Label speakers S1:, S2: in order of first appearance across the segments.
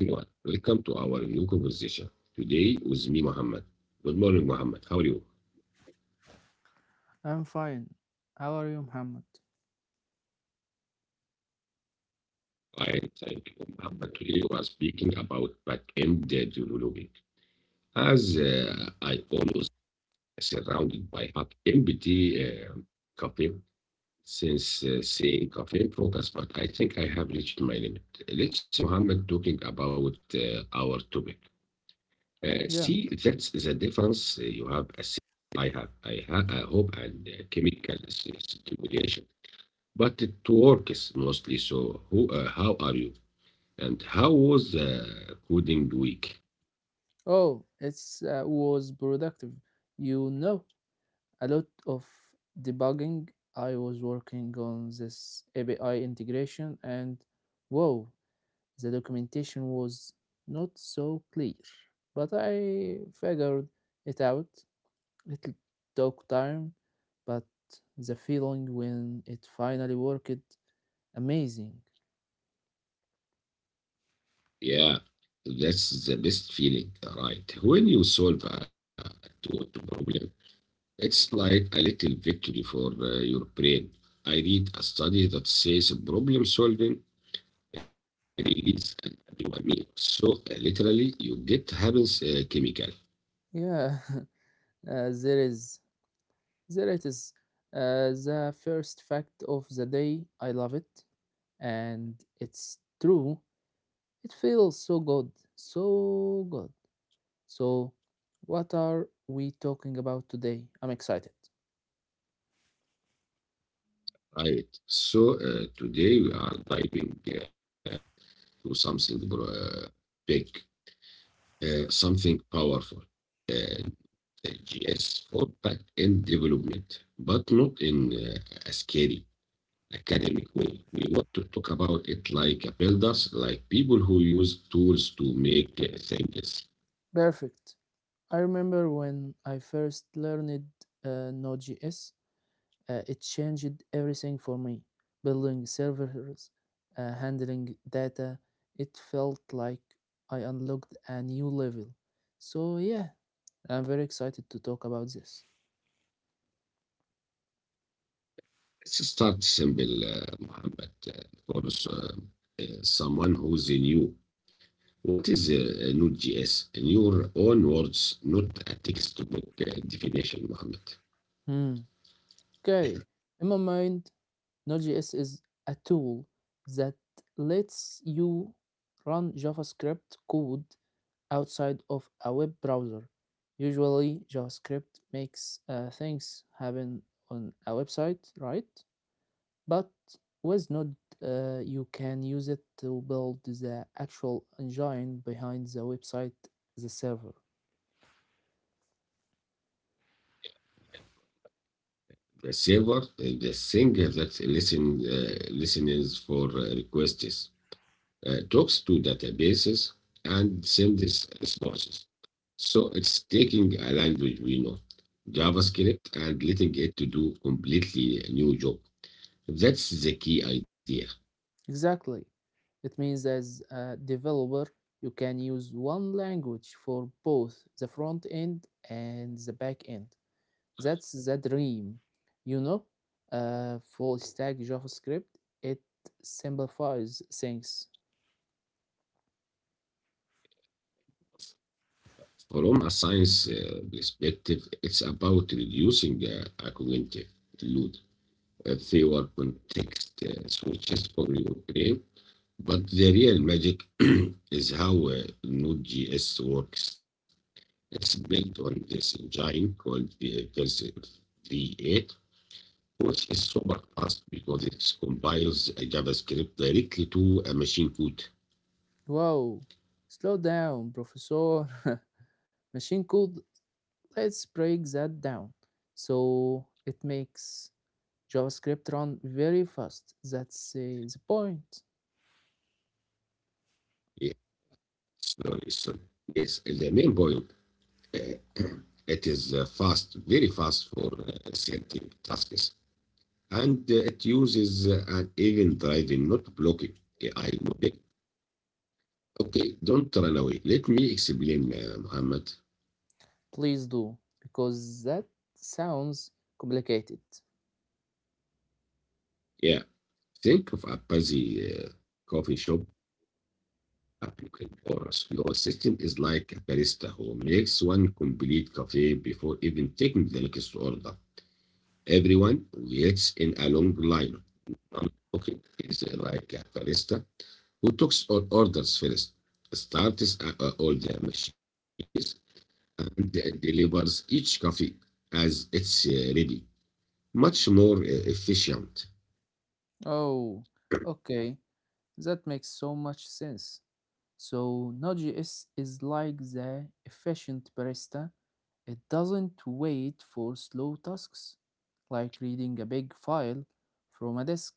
S1: Hello everyone, welcome to our new conversation. Today with me, Muhammad. Good morning, Muhammad. How are you?
S2: I'm fine. How are you, Muhammad?
S1: Fine, thank you, Muhammad. Today we are speaking about back-end developing. As I always surrounded by hot empty caffeine since saying caffeine focus, but I think I have reached my limit. Let's, Muhammad, talking about our topic.
S2: Yeah.
S1: See, that's the difference. You have a I have a hope and a chemical stimulation, but it works mostly. So, who, how are you? And how was the coding week?
S2: Oh, it Was productive. You know, a lot of debugging. I was working on this API integration, and whoa, the documentation was not so clear. But I figured it out. It took time, but the feeling when it finally worked, amazing.
S1: Yeah, that's the best feeling, right? When you solve a two- problem, it's like a little victory for your brain. I read a study that says problem solving it is an dopamine. So literally, you get happens chemical,
S2: Yeah, there is There it is. The first fact of the day. I love it. And it's true. It feels so good. So good. So, what are we talking about today? I'm excited.
S1: right? So today we are diving to something big, something powerful. Uh, the GS for back end development, but not in a scary academic way. We want to talk about it like builders, like people who use tools to make things.
S2: Perfect. I remember when I first learned Node.js, it changed everything for me. Building servers, handling data, it felt like I unlocked a new level. So, yeah, I'm very excited to talk about this.
S1: Let's start simple, Muhammad, for someone who's new. What is Node.js? In your own words, not a textbook definition, Muhammad.
S2: Hmm. Okay. In my mind, Node.js is a tool that lets you run JavaScript code outside of a web browser. Usually, JavaScript makes things happen on a website, right? But with Node, you can use it to build the actual engine behind the website, the server.
S1: The server, the thing that listens for requests, talks to databases, and sends responses. So it's taking a language we know, JavaScript, and letting it to do completely new job. That's the key idea.
S2: Exactly. It means as a developer, you can use one language for both the front end and the back end. That's the dream. You know, Full stack JavaScript, it simplifies things.
S1: From a science perspective, it's about reducing a cognitive load. They were context switches for your brain, but the real magic is how Node.js works. It's built on this engine called Version 3.8, which is super fast because it compiles a JavaScript directly to a machine code.
S2: Wow, slow down, professor. Machine code, let's break that down. So it makes JavaScript run very fast. That's the point.
S1: Yes, sorry. Yes, the main point it is fast, very fast for certain tasks, and it uses an event driving, not blocking AI model. Okay, don't run away. Let me explain, Muhammad.
S2: Please do, because that sounds complicated.
S1: Yeah, think of a busy uh, coffee shop applicant or a slow assistant is like a barista who makes one complete coffee before even taking the next order. Everyone waits in a long line cooking is like a barista who takes or orders first, starts all the machines, and delivers each coffee as it's ready. Much more efficient.
S2: Oh, okay, that makes so much sense. So Node.js is like the efficient barista. It doesn't wait for slow tasks, like reading a big file from a disk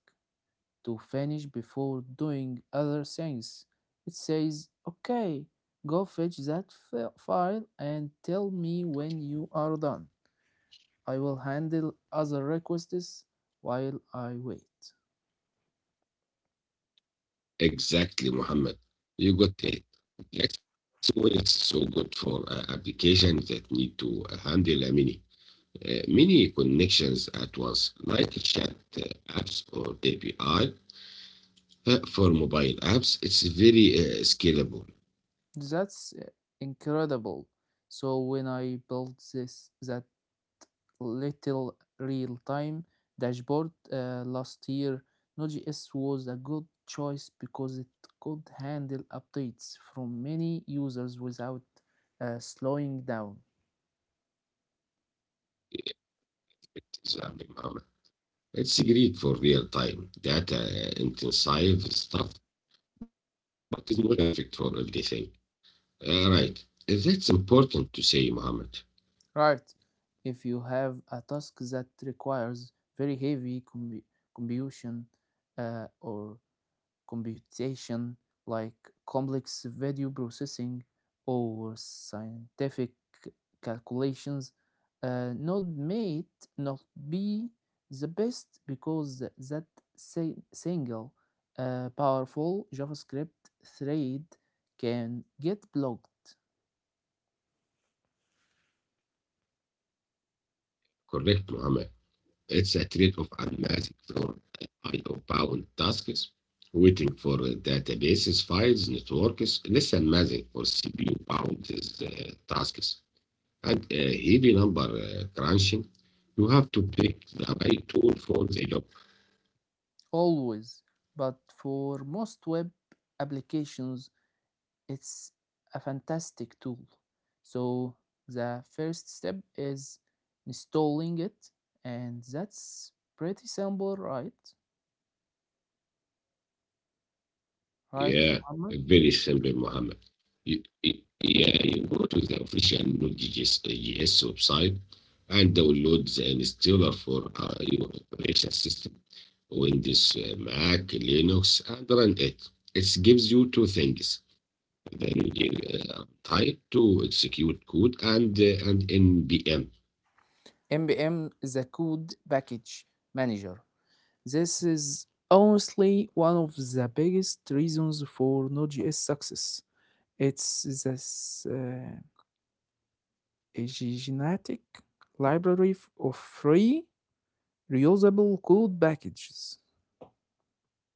S2: to finish before doing other things. It says, okay, go fetch that file and tell me when you are done. I will handle other requests while I wait.
S1: Exactly, Mohammed. You got it. That's why it's so good for applications that need to handle many connections at once, like chat apps or API. For mobile apps, it's very scalable.
S2: That's incredible. So when I built this that little real-time dashboard last year, Node.js was a good choice because it could handle updates from many users without slowing down.
S1: It is Mohammed. It's great for real-time data intensive stuff, but it is not perfect for everything. Right. That's important to say, Mohammed.
S2: Right. If you have a task that requires very heavy computation or computation like complex video processing or scientific calculations, node may not be the best because that single powerful JavaScript thread can get blocked
S1: Correct, Mohammed. It's a trade-off amassing from IO-bound tasks, waiting for databases, files, networks, less amassing for CPU-bound tasks, and a heavy number crunching. You have to pick the right tool for the job.
S2: always, but for most web applications, it's a fantastic tool. So the first step is installing it, and that's pretty simple, right? Right,
S1: Yeah,
S2: Muhammad?
S1: very simple, Mohammed. Yeah, you go to the official Node.js JS website and download the installer for your operation system, Windows, Mac, Linux, and run it. It gives you two things: the Node type to execute code and npm.
S2: Npm is a code package manager. This is honestly one of the biggest reasons for Node.js success. It's this a genetic library of free reusable code packages,
S1: Yeah,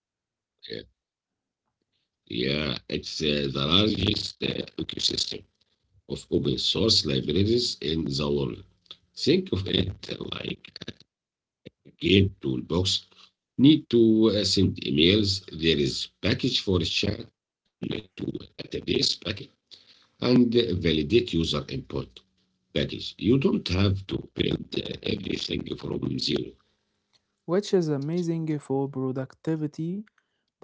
S1: yeah, it's the largest ecosystem of open source libraries in the world. Think of it like a game toolbox. Need to send emails. There is package for chat. Connect to database package and validate user input package. You don't have to build everything from zero.
S2: which is amazing for productivity,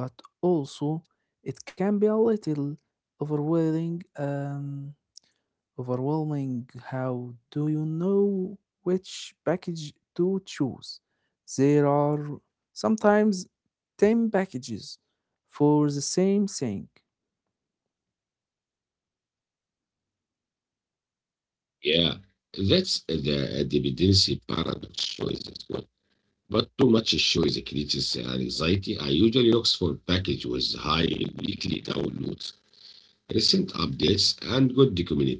S2: but also it can be a little overwhelming. Um, overwhelming. How do you know which package to choose? There are sometimes 10 packages for the same thing.
S1: Yeah, that's the dependency paradox choice as well. But too much choice creates anxiety. I usually look for package with high weekly downloads recent updates, and good documentation.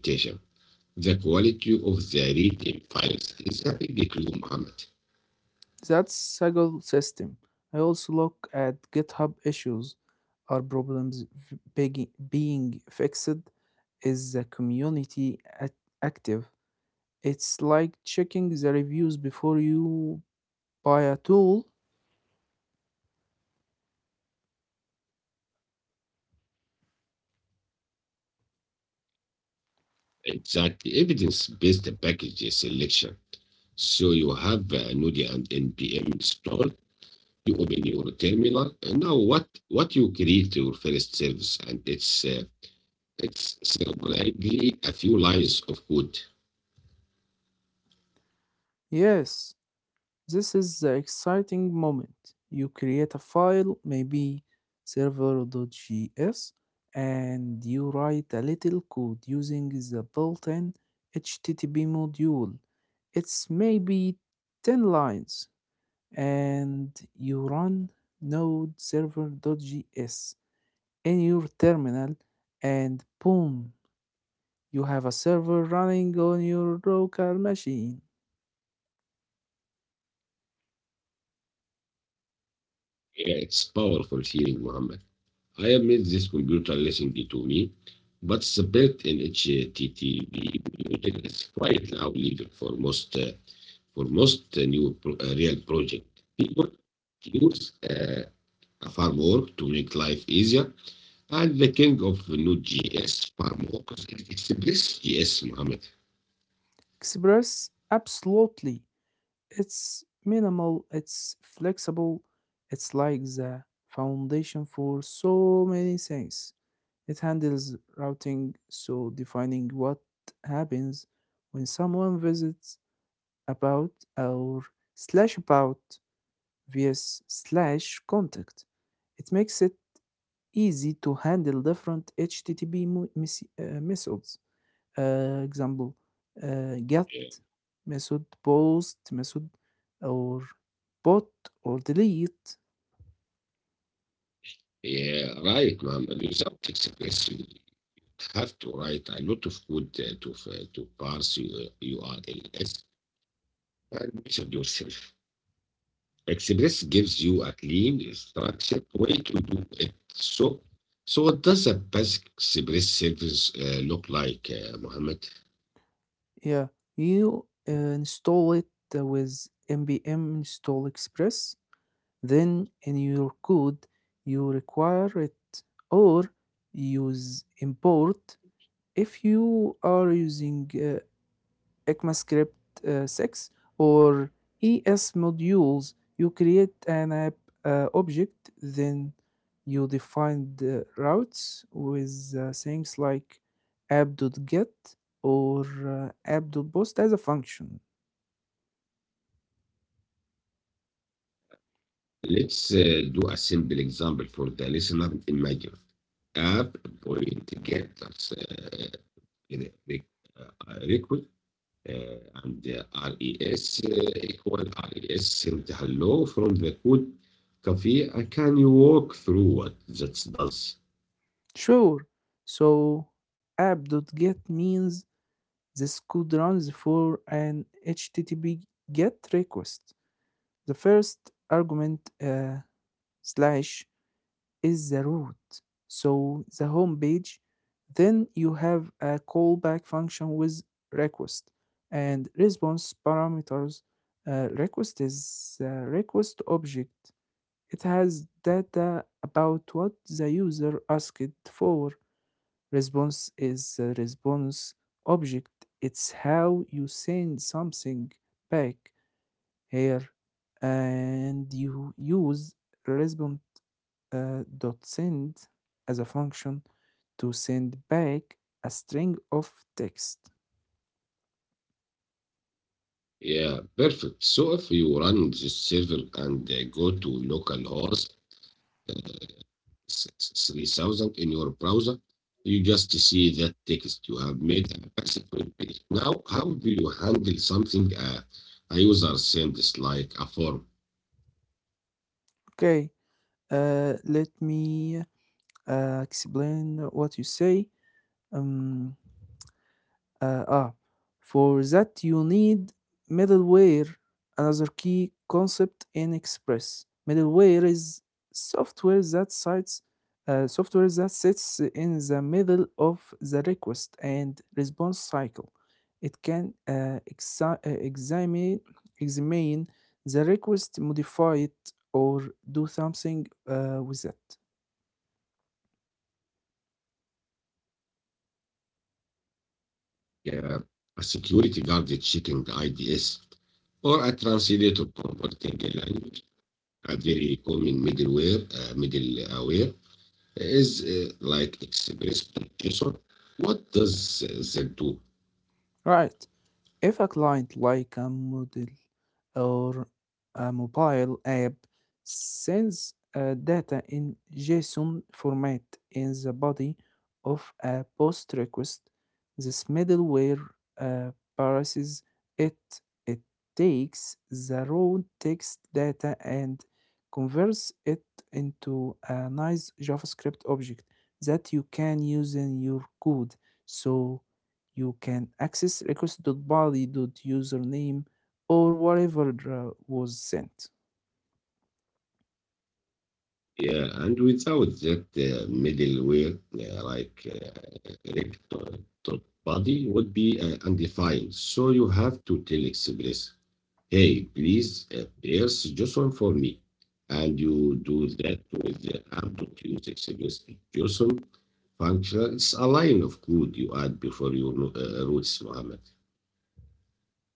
S1: The quality of the read-in files is a big clue, Mohammed.
S2: That's Saggle system. I also look at GitHub issues. Are problems being fixed? Is the community active? It's like checking the reviews before you buy a tool.
S1: Exact evidence-based package selection. So you have Node and NPM installed. You open your terminal. And now what you create your first service, and it's surprisingly a few lines of code.
S2: Yes, this is the exciting moment. You create a file, maybe server.js, and you write a little code using the built in HTTP module. It's maybe 10 lines, and you run node server.js in your terminal, and boom, you have a server running on your local machine.
S1: Yeah, it's powerful feeling, Mohammed. I have made this computer listen to me, but the built-in HTTP muted is quite loud for most new real project. People use a framework to make life easier, and the king of Node.js frameworks is Express.js, Mohammed.
S2: Express, absolutely. It's minimal, it's flexible, it's like the foundation for so many things. It handles routing, so defining what happens when someone visits about or slash about vs slash contact. It makes it easy to handle different HTTP methods. آآ example آآ get
S1: Yeah,
S2: method post method or put or delete.
S1: yeah, right, Mohammed. Without Express, you have to write a lot of code to to parse your URLs admission yourself. Express gives you a clean, structured way to do it. So, what does a basic Express service look like, Mohammed?
S2: Yeah, you install it with npm install express, then in your code you require it or use import if you are using ECMAScript 6 or ES modules, you create an app object, then you define the routes with things like app.get or app.post as a function.
S1: Let's do a simple example for the listener. Imagine app point getters re- re- request and res equal res send hello from the code cafe. Can you walk through what that does?
S2: Sure. So app.get means this code runs for an HTTP GET request. The first argument, slash, is the root. So the home page, then you have a callback function with request and response parameters. Request is a request object. It has data about what the user asked for. Response is a response object. It's how you send something back here, and you use response dot send as a function to send back a string of text.
S1: Yeah, perfect. So if you run this server and go to localhost uh, 3000 in your browser, you just see that text. You have made a basic web page. Now, how do you handle something a user sends like a form,
S2: Okay, let me explain what you say. Um, Uh, ah, for that you need middleware, another key concept in Express. Middleware is software that sites software that sits in the middle of the request and response cycle. It can examine the request, modify it, or do something with it.
S1: uh, a security guard checking IDS, or a translator converting a language? A very common middleware is like express protection. What does that do?
S2: Right. If a client like a model or a mobile app sends data in JSON format in the body of a post request, this middleware uh, parses it. It takes the raw text data and converts it into a nice JavaScript object that you can use in your code. So you can access request.body.username or whatever was sent.
S1: Yeah, and without that middleware, like erect body would be undefined. So you have to tell Express, hey, please pierce just one for me. And you do that with the Amplitude use Express JSON function. It's a line of code you add before your routes, Mohammed.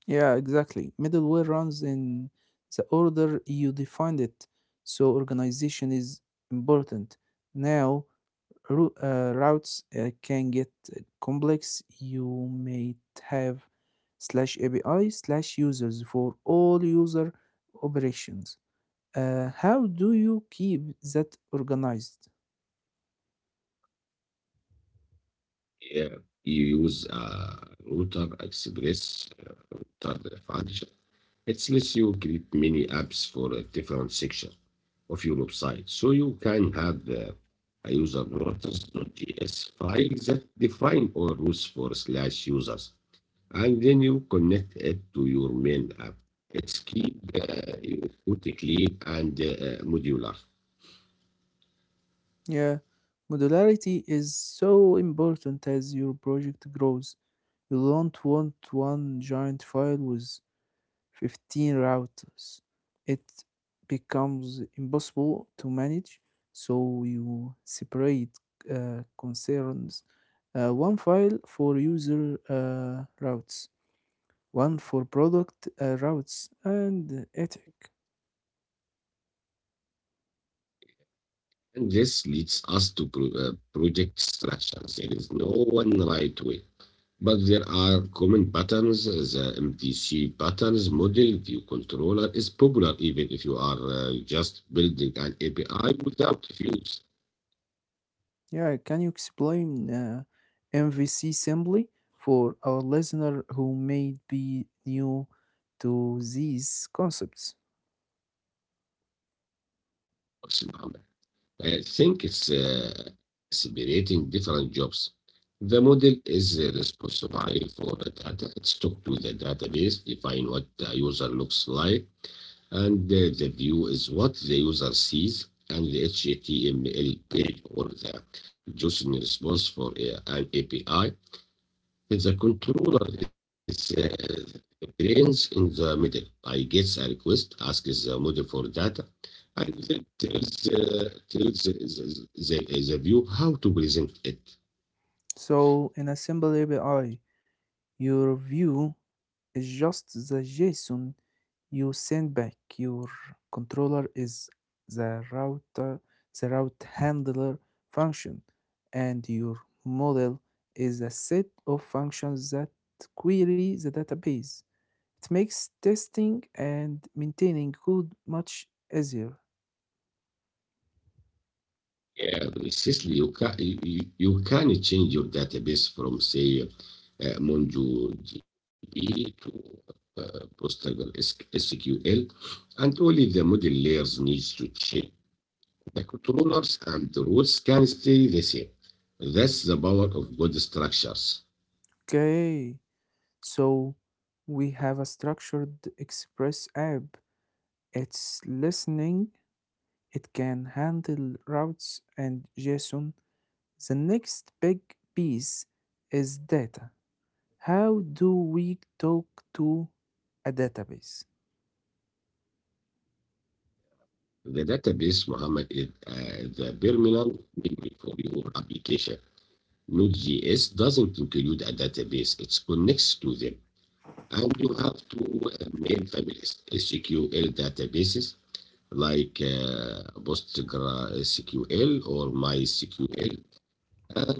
S2: Yeah, exactly. Middleware runs in the order you defined it, so organization is important. Now, routes can get complex. You may have slash API slash users for all user operations. How do you keep that organized?
S1: Yeah, you use a Router Express router function. It lets you create many apps for a different section of your website. So you can have a user routers.js file that define all rules for slash users, and then you connect it to your main app. It's keep your code clean and modular.
S2: Yeah, modularity is so important as your project grows. You don't want one giant file with 15 routers. It becomes impossible to manage, so you separate concerns. One file for user routes, one for product routes, and ethic.
S1: And this leads us to project structure. There is no one right way, but there are common patterns. The MTC patterns model view controller is popular even if you are just building an API without views.
S2: Yeah, can you explain MVC simply for our listener who may be new to these concepts?
S1: I think it's separating different jobs. The model is responsible for the data. It's talk to the database, define what the user looks like, and the view is what the user sees and the HTML page or the JSON response for a, an API is the controller is the brains in the middle. I get a request, asks the model for data, and then tells the view how to present it.
S2: So, in a simple way, your view is just the JSON you send back. Your controller is the router, the route handler function, and your model is a set of functions that query the database. It makes testing and maintaining code much easier.
S1: Yeah, seriously, you can change your database from say MongoDB to Postgres SQL, and only the model layers needs to change. The controllers and the rules can stay the same. That's the power of good structures.
S2: Okay, so we have a structured Express app. It's listening. It can handle routes and JSON. The next big piece is data. How do we talk to a database?
S1: The database, Muhammad, is the terminal memory for your application. Node.js doesn't include a database; it connects to them. And you have two main families, SQL databases like PostgreSQL or MySQL and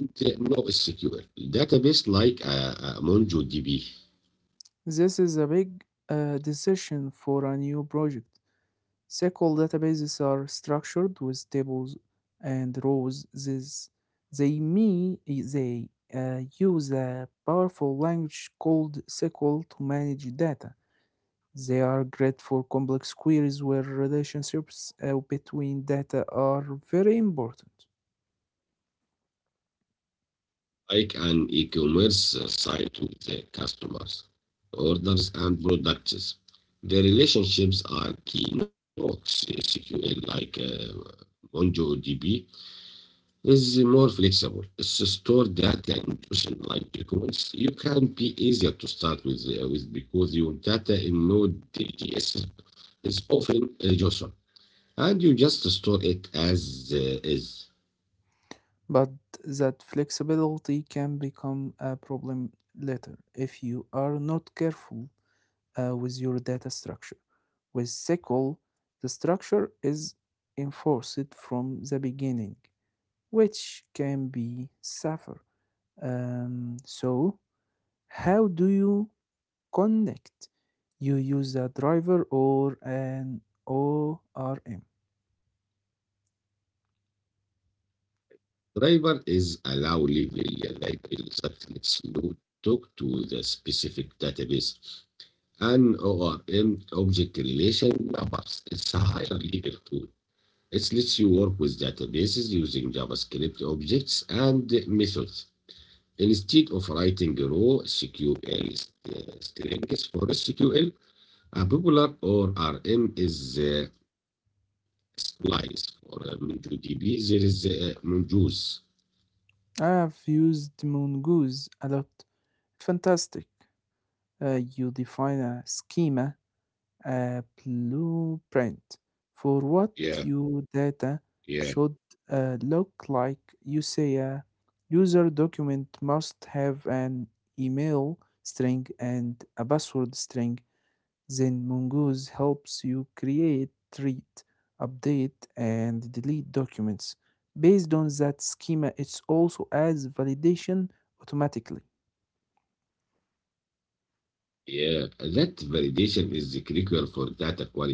S1: NoSQL. Database like MongoDB,
S2: This is a big decision for a new project. SQL databases are structured with tables and rows. This, they me they use a powerful language called SQL to manage data. They are great for complex queries where relationships between data are very important.
S1: like an e-commerce site with customers, orders, and products. The relationships are key nodes, SQL like MongoDB is more flexible. It's stored data in question-like queries. You can be easier to start with because your data in Node.js is often JSON, and you just store it as is.
S2: But that flexibility can become a problem later if you are not careful with your data structure. With SQL, the structure is enforced from the beginning, which can be suffer. So, how do you connect? You use a driver or an ORM.
S1: Driver is allow level library that lets Node talk to the specific database. An ORM object relation mappers. It's a higher level tool. It lets you work with databases using JavaScript objects and methods, instead of writing raw SQL strings for SQL. A popular ORM is Splice for MongoDB. There is Mongoose.
S2: I have used Mongoose a lot. Fantastic. You define a schema, a blueprint for
S1: Yeah,
S2: what your data
S1: yeah,
S2: should look like. You say a user document must have an email string and a password string. Then Mongoose helps you create, treat, update, and delete documents. Based on that schema, it also adds validation automatically.
S1: yeah. That validation is critical for data quality, Muhammad.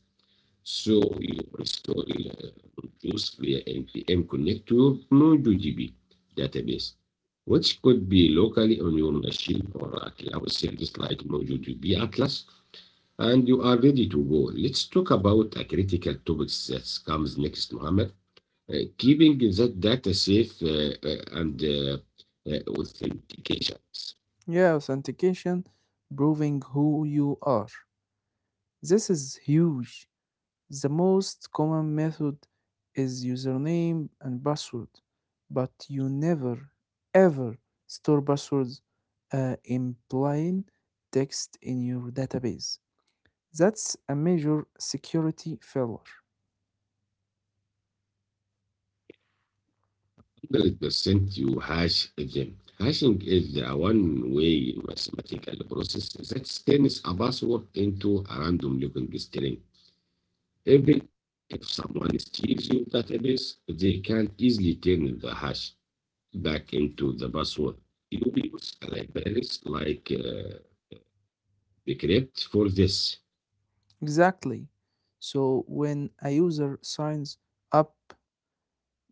S1: So you install routers via npm connect your MongoDB database, which could be locally on your machine or a cloud service like MongoDB Atlas, and you are ready to go. Let's talk about a critical topic that comes next, Mohammed. Keeping that data safe and authentications.
S2: Yeah, authentication, proving who you are. This is huge. The most common method is username and password, but you never ever store passwords implying text in your database. That's a major security failure.
S1: 100% you hash them. Hashing is the one-way mathematical process that turns a password into a random-looking string. Even if someone steals your database, they can easily turn the hash back into the password. You use libraries like Decrypt for this.
S2: Exactly. So when a user signs up,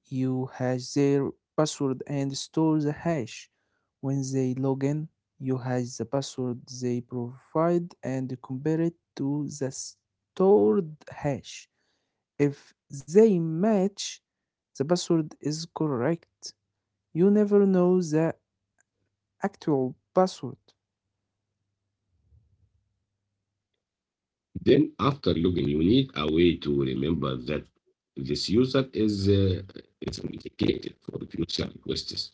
S2: you has their password and store the hash. When they log in, you has the password they provide and compare it to the stored hash. If they match, the password is correct. You never know the actual password.
S1: Then after logging, you need a way to remember that this user is authenticated for future requests.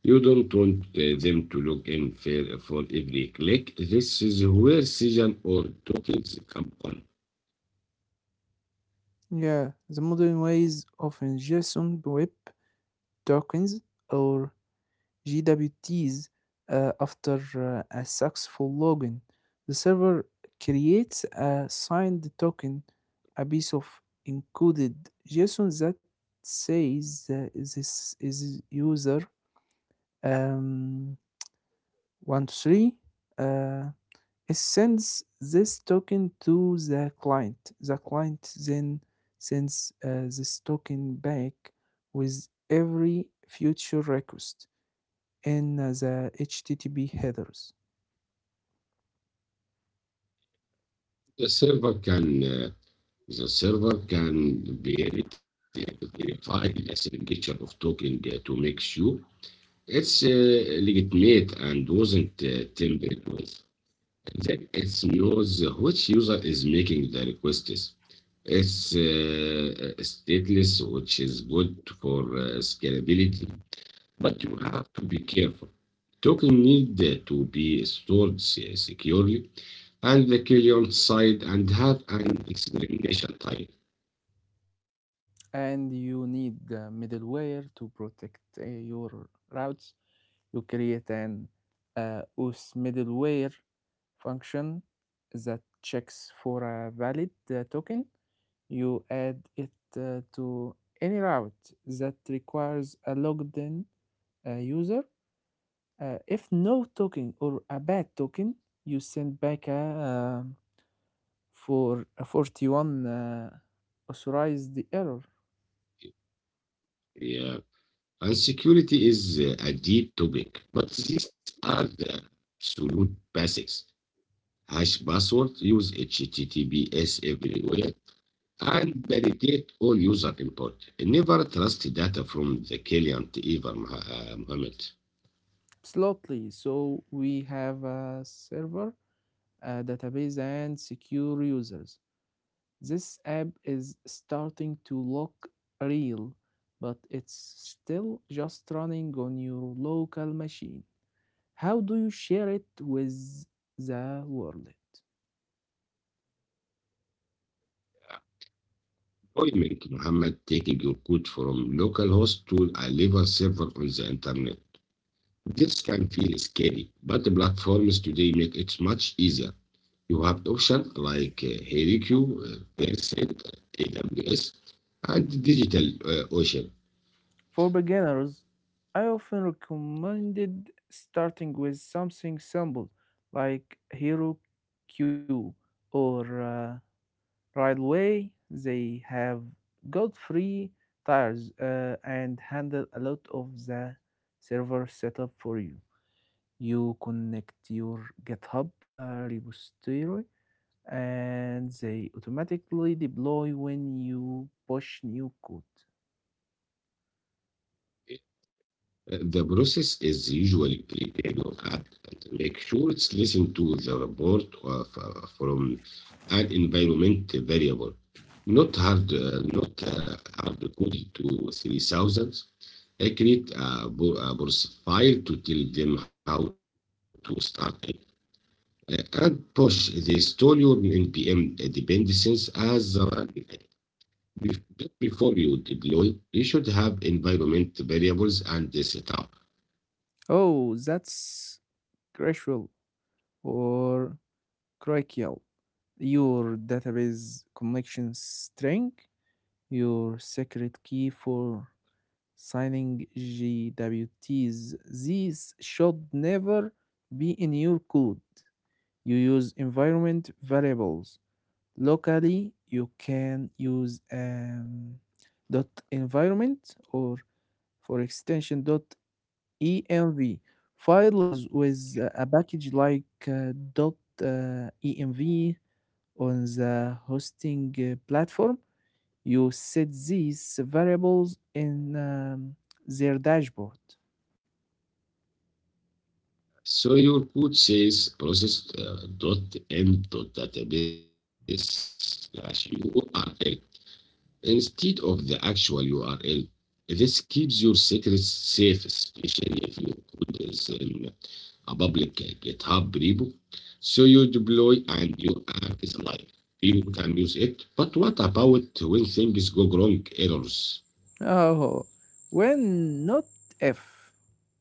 S1: You don't want them to look in fair for every click. This is where session or tokens come on.
S2: Yeah, the modern ways of ingestion web tokens or GWTs, after a successful login. The server creates a signed token, a piece of encoded JSON that says, this is user um, 123. Uh, it sends this token to the client. The client then sends this token back with every future request in the HTTP headers.
S1: The server can uh, the server can verify verify the signature of token to make sure it's legitimate and wasn't tampered with. Then it knows which user is making the requests. It's stateless, which is good for scalability. But you have to be careful. Token need to be stored securely and the client side and have an examination type.
S2: And you need the middleware to protect your routes. You create an OS middleware function that checks for a valid token. You add it to any route that requires a logged in user. If no token or a bad token, you send back a um, for a 41 authorize the error.
S1: Yeah. And security is a deep topic, but these are the absolute basics. Hash password, use HTTPS everywhere, and validate all user input. Never trust data from the client, either, Mohammed.
S2: Absolutely. So we have a server, a database, and secure users. This app is starting to look real, but it's still just running on your local machine. How do you share it with the world?
S1: Deployment Muhammad taking your code from localhost to a live server on the internet. This can feel scary, but the platforms today make it much easier. You have options like Heroku, Percent, AWS, and Digital Ocean.
S2: For beginners, I often recommended starting with something simple like Hero Q or railway. They have got free tires and handle a lot of the server setup for you. You connect your GitHub repository and they automatically deploy when you push new code.
S1: The process is usually pretty long and make sure it's listen to the report of, from an environment variable, not hard, not hard coded to 3000. I create a, a source file to tell them how to start it uh, and push the install your npm dependencies as a run. Bef- Before you deploy, you should have environment variables and the setup.
S2: Oh, that's crucial or crucial. Your database connection string, your secret key for signing GWTs. These should never be in your code. You use environment variables. Locally, you can use environment or for extension env files with a package like env. On the hosting platform you set these variables in their dashboard.
S1: So your code says process dot m dot database slash URL instead of the actual URL. This keeps your secrets safe, especially if your code is in a public GitHub repo. So you deploy and your app is live. People can use it. But what about when things go wrong? Errors.
S2: Oh, when not if.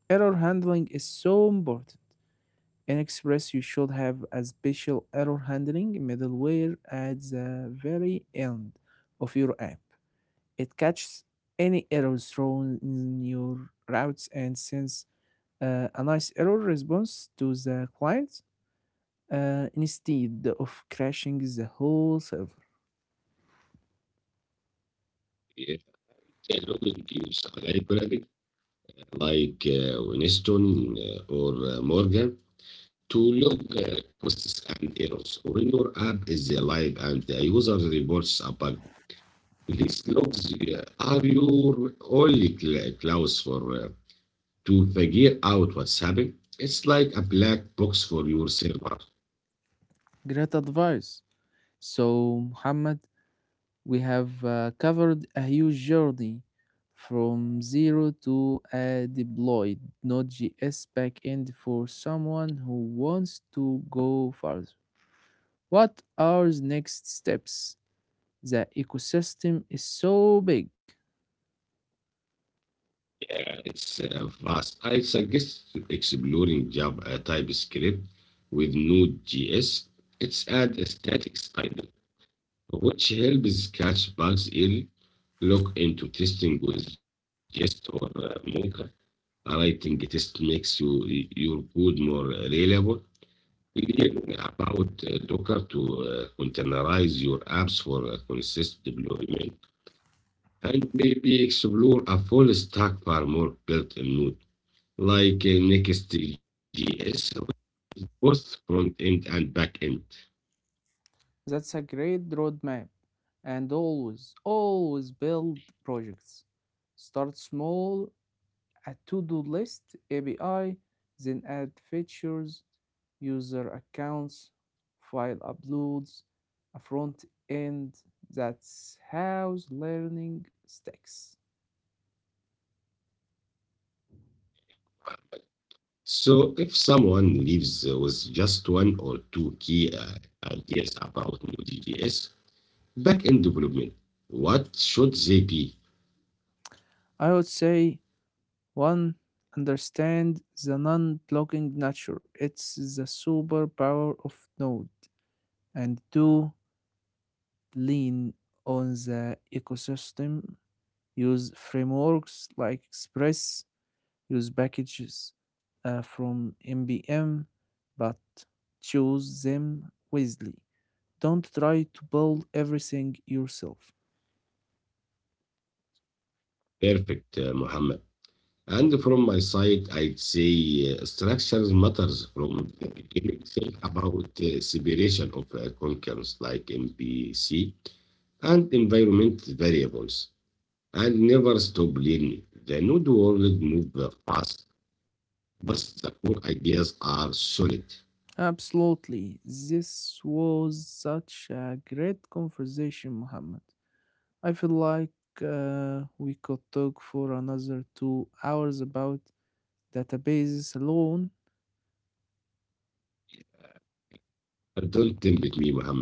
S2: Error handling is so important. In Express, you should have a special error handling middleware at the very end of your app. It catches any errors thrown in your routes and sends a nice error response to the client instead of crashing the whole server.
S1: If a login use a library like Winston or Morgan, to log costs and errors. When your app is live and the user reports a bug, these logs are your only clues for to figure out what's happening. It's like a black box for your server.
S2: Great advice. So, Muhammad, we have covered a huge journey from zero to a deployed Node.js backend. For someone who wants to go further, what are the next steps? The ecosystem is so big.
S1: Yeah, it's vast. I suggest exploring Java TypeScript with Node.js. It's add a static style, which helps catch bugs early. Look into testing with jest or Mocha writing test makes you, your code more reliable. About Docker to containerize your apps for consistent deployment, and maybe explore a full stack for more built in Node, like Next.js, both front end and back end.
S2: That's a great roadmap. And always, always build projects. Start small, a to do list, API, then add features, user accounts, file uploads, a front end. That's how learning sticks.
S1: So if someone leaves with just one or two key ideas about Node.js back end development, what should they be?
S2: I would say one, understand the non-blocking nature. It's the superpower of Node, and two, lean on the ecosystem. Use frameworks like Express. Use packages from npm, but choose them wisely. Don't try to build everything yourself.
S1: Perfect, Muhammad. And from my side, I'd say structures matters from the beginning. Think about separation of concerns like MPC and environment variables, and never stop learning. The node world moves fast, but the core ideas are solid.
S2: Absolutely. This was such a great conversation, Muhammad. I feel like we could talk for another 2 hours about databases alone.
S1: Don't tempt me, Muhammad.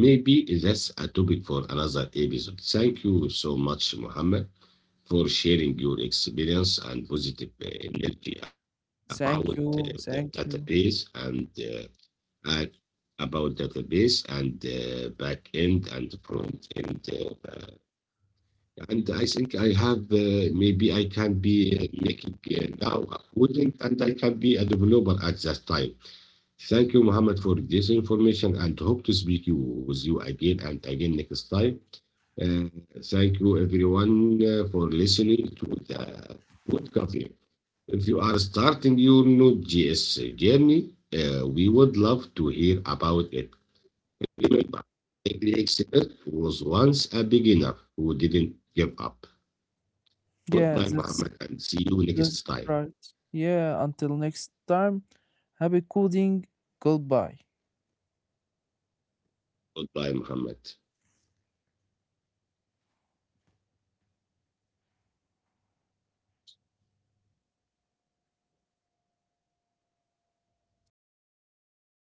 S1: Maybe that's a topic for another episode. Thank you so much, Muhammad. For sharing your experience and positive energy about
S2: Thank
S1: the
S2: you.
S1: database
S2: Thank you.
S1: and about database and back end and front end. And I think I have maybe I can be making now a coding and I can be a developer at that time. Thank you, Muhammad, for this information and hope to speak you, with you again and again next time. Uh, thank you, everyone, for listening to the Good Coffee. If you are starting your Node.js journey, we would love to hear about it. Remember, every expert was once a beginner who didn't give up.
S2: Yeah,
S1: Goodbye,
S2: that's
S1: Muhammad, and see you next
S2: that's
S1: time.
S2: right. Yeah, until next time, happy coding. Goodbye.
S1: Goodbye, Muhammad.